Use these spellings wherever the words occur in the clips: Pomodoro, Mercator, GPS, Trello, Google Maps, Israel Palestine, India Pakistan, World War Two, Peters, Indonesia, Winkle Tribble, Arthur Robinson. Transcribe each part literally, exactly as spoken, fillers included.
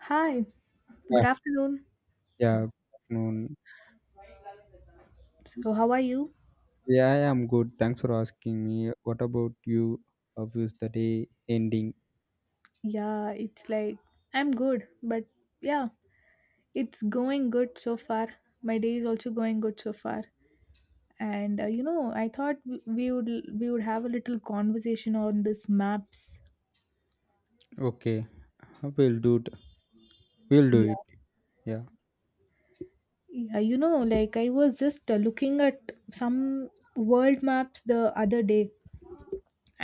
Hi, Yeah, good afternoon. yeah, good afternoon. So, how are you? Yeah, I am good. Thanks for asking me. What about you? How is the day ending? Yeah, it's like I'm good, but yeah, it's going good so far. My day is also going good so far. And uh, you know, I thought w- we would we would have a little conversation on this maps. Okay, we'll do it. We'll do it. Yeah. Yeah. Yeah, you know, like I was just uh, looking at some world maps the other day,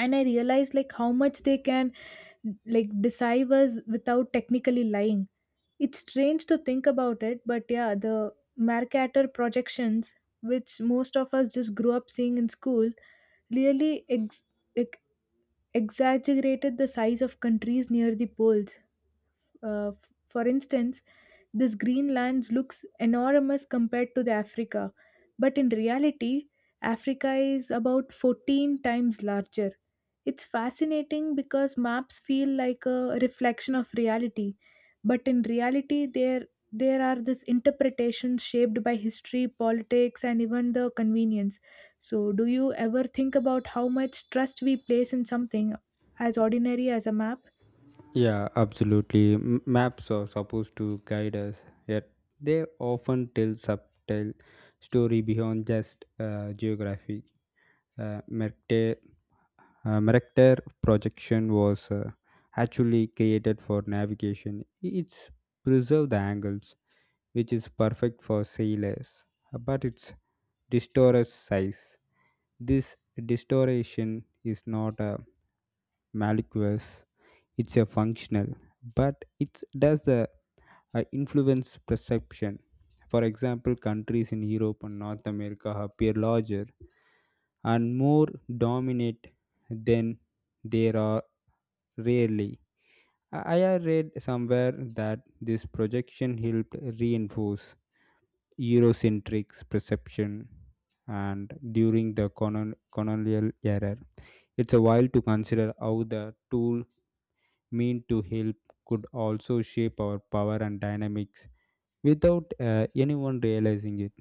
and I realized like how much they can like deceive us without technically lying. It's strange to think about it, but yeah, the Mercator projections, which most of us just grew up seeing in school, really ex- ex- exaggerated the size of countries near the poles. uh, for instance, this green land looks enormous compared to the Africa, but in reality, Africa is about fourteen times larger. It's fascinating because maps feel like a reflection of reality, but in reality, there there are these interpretations shaped by history, politics, and even the convenience. So, do you ever think about how much trust we place in something as ordinary as a map? Yeah, absolutely. M- maps are supposed to guide us, yet they often tell subtle story beyond just uh, geography. Uh, Mercator, uh, Mercator projection was uh, actually created for navigation. It's preserve the angles which is perfect for sailors, but its distorted size. This distortion is not a malicious, it's a functional, but it does the uh, influence perception. For example, countries in Europe and North America appear larger and more dominant than they are rarely. I I have read somewhere that this projection helped reinforce Eurocentric perception and during the colon- colonial era. It's a while to consider how the tool meant to help could also shape our power and dynamics without uh, anyone realizing it.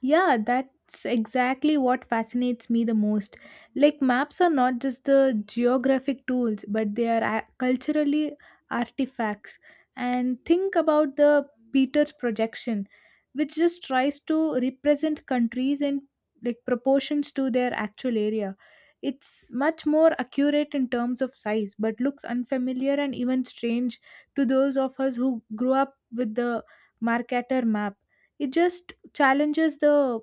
Yeah, that's exactly what fascinates me the most. Like, maps are not just the geographic tools, but they are a- culturally artifacts. And think about the Peters projection, which just tries to represent countries in like proportions to their actual area. It's much more accurate in terms of size, but looks unfamiliar and even strange to those of us who grew up with the Mercator map. It just challenges the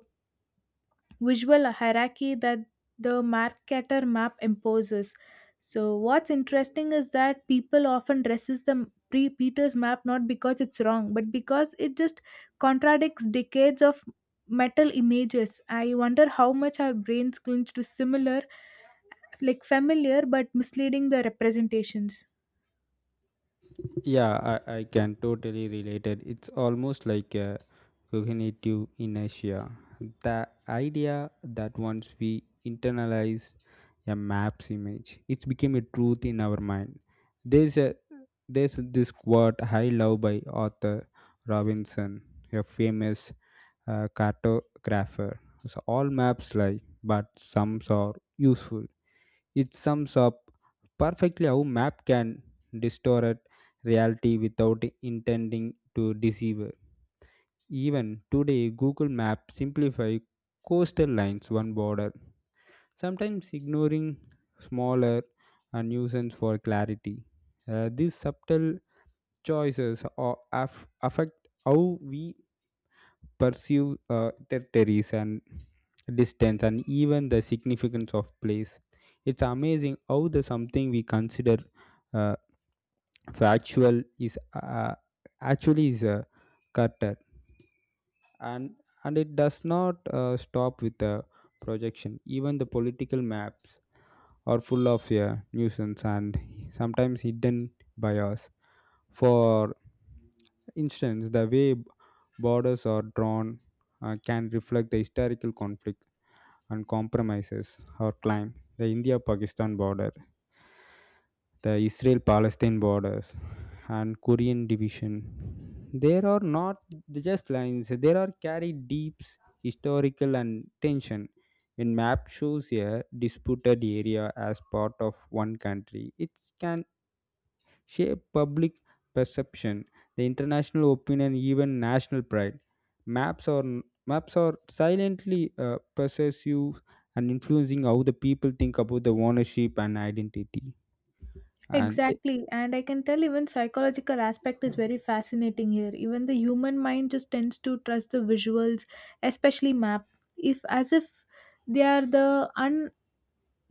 visual hierarchy that the Mercator map imposes. So, what's interesting is that people often dresses the pre Peters map not because it's wrong, but because it just contradicts decades of metal images. I wonder how much our brains cling to similar, like familiar but misleading the representations. Yeah, I, I can totally relate it. It's almost like a cognitive inertia. The idea that once we internalize a map's image, it's became a truth in our mind. There's a there's this quote I love by Arthur Robinson, a famous uh, cartographer. So all maps lie, but some are useful. It sums up perfectly how map can distort reality without intending to deceive. Even today, Google Maps simplify coastal lines one border, sometimes ignoring smaller nuisance for clarity. Uh, these subtle choices are, aff- affect how we pursue uh, territories and distance and even the significance of place. It's amazing how the something we consider uh, factual is uh, actually is a cutter and and it does not uh, stop with the projection. Even the political maps are full of yeah, nuisance and sometimes hidden bias. For instance, the way borders are drawn uh, can reflect the historical conflict and compromises or climb the India Pakistan border, the Israel Palestine borders, and Korean division. There are not just lines, there are carried deep historical and tension. When map shows a disputed area as part of one country, it can shape public perception, the international opinion, even national pride. Maps are maps are silently uh, persuasive and influencing how the people think about the ownership and identity. And it- Exactly, and I can tell even psychological aspect is very fascinating here. Even the human mind just tends to trust the visuals, especially map, if as if they are the un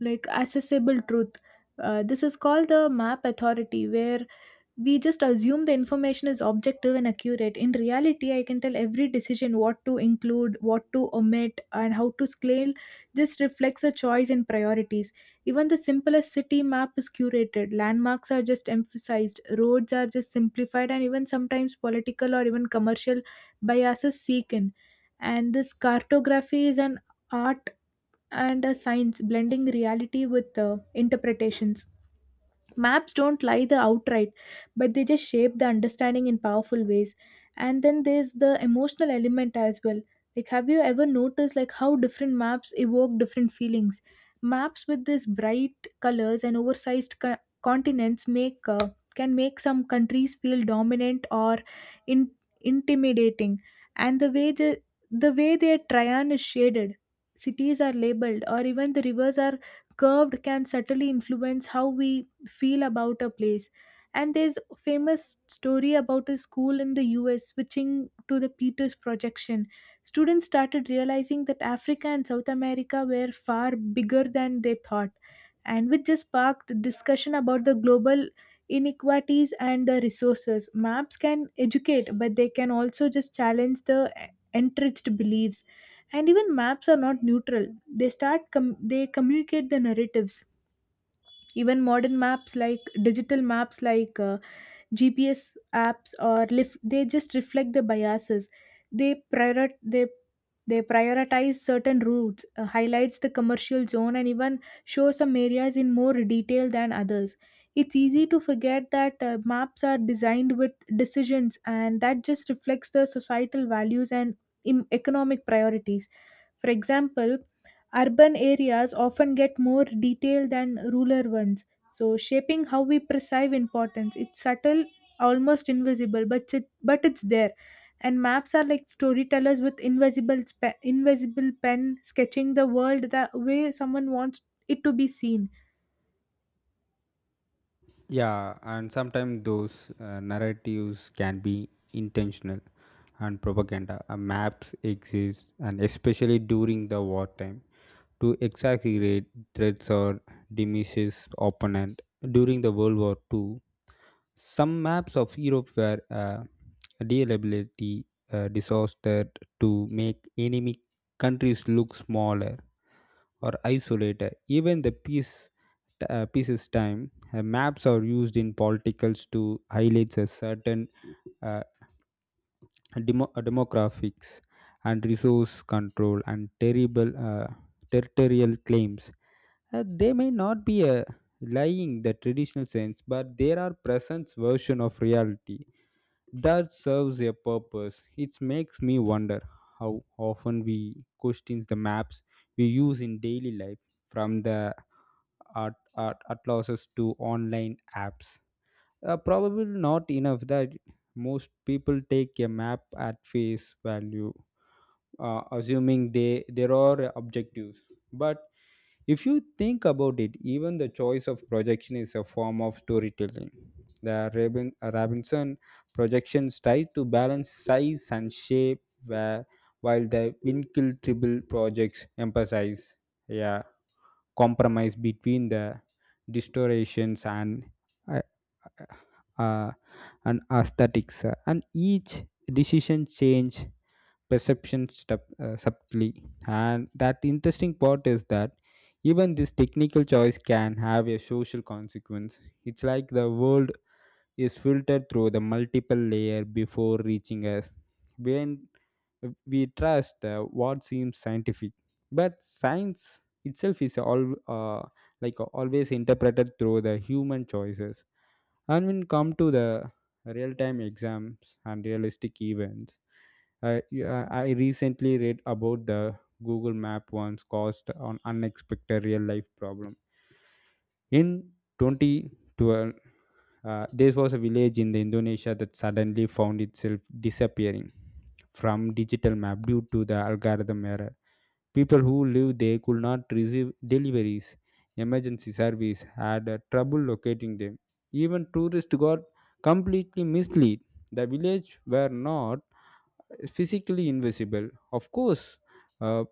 like accessible truth. Uh, this is called the map authority, where we just assume the information is objective and accurate. In reality, I can tell every decision what to include, what to omit, and how to scale. This reflects a choice and priorities. Even the simplest city map is curated, landmarks are just emphasized, roads are just simplified, and even sometimes political or even commercial biases seek in. And this cartography is an art and a science blending reality with uh, interpretations. Maps don't lie the outright, but they just shape the understanding in powerful ways. And then there's the emotional element as well. Like, have you ever noticed like how different maps evoke different feelings? Maps with this bright colors and oversized co- continents make uh, can make some countries feel dominant or in- intimidating. And the way the the way their trian is shaded, cities are labeled, or even the rivers are curved can subtly influence how we feel about a place. And there's a famous story about a school in the U S switching to the Peters projection. Students started realizing that Africa and South America were far bigger than they thought, and which just sparked discussion about the global inequalities and the resources. Maps can educate, but they can also just challenge the e-, entrenched beliefs. And even maps are not neutral. They start com- they communicate the narratives. Even modern maps, like digital maps, like uh, G P S apps or lift, they just reflect the biases. They prior they they prioritize certain routes, uh, highlights the commercial zone, and even show some areas in more detail than others. It's easy to forget that uh, maps are designed with decisions, and that just reflects the societal values and im- economic priorities. For example, urban areas often get more detail than rural ones, so shaping how we perceive importance. It's subtle, almost invisible, but it, but it's there. And maps are like storytellers with invisible spe- invisible pen sketching the world the way someone wants it to be seen. yeah, and sometimes those uh, narratives can be intentional and propaganda. Uh, maps exist, and especially during the wartime, to exaggerate threats or diminishes opponent. During the World War Two. Some maps of Europe were uh, deliberately uh, disastered to make enemy countries look smaller or isolated. Even the peace uh, pieces time, uh, maps are used in politicals to highlight a certain uh, demo- uh, demographics and resource control and terrible uh, territorial claims. Uh, they may not be a lying the traditional sense, but there are present version of reality that serves a purpose. It makes me wonder how often we question the maps we use in daily life, from the art, art atlases to online apps. Uh, probably not enough that most people take a map at face value, uh, assuming they there are objectives. But if you think about it, even the choice of projection is a form of storytelling. The Rabin- Robinson projections try to balance size and shape, where, while the Winkle Tribble projects emphasize a compromise between the distortions and uh, uh, uh, and aesthetics, and each decision change perception step, uh, subtly. And that interesting part is that even this technical choice can have a social consequence. It's like the world is filtered through the multiple layer before reaching us when we trust uh, what seems scientific but science itself is all uh, like always interpreted through the human choices and when come to the real time exams and realistic events I, yeah, I recently read about the google map once caused an unexpected real life problem in twenty twelve. Uh, there was a village in the Indonesia that suddenly found itself disappearing from digital map due to the algorithm error. People who lived there could not receive deliveries. Emergency service had uh, trouble locating them. Even tourists got completely misled. The village were not physically invisible. Of course, uh,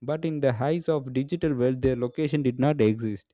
but in the heights of digital world, their location did not exist.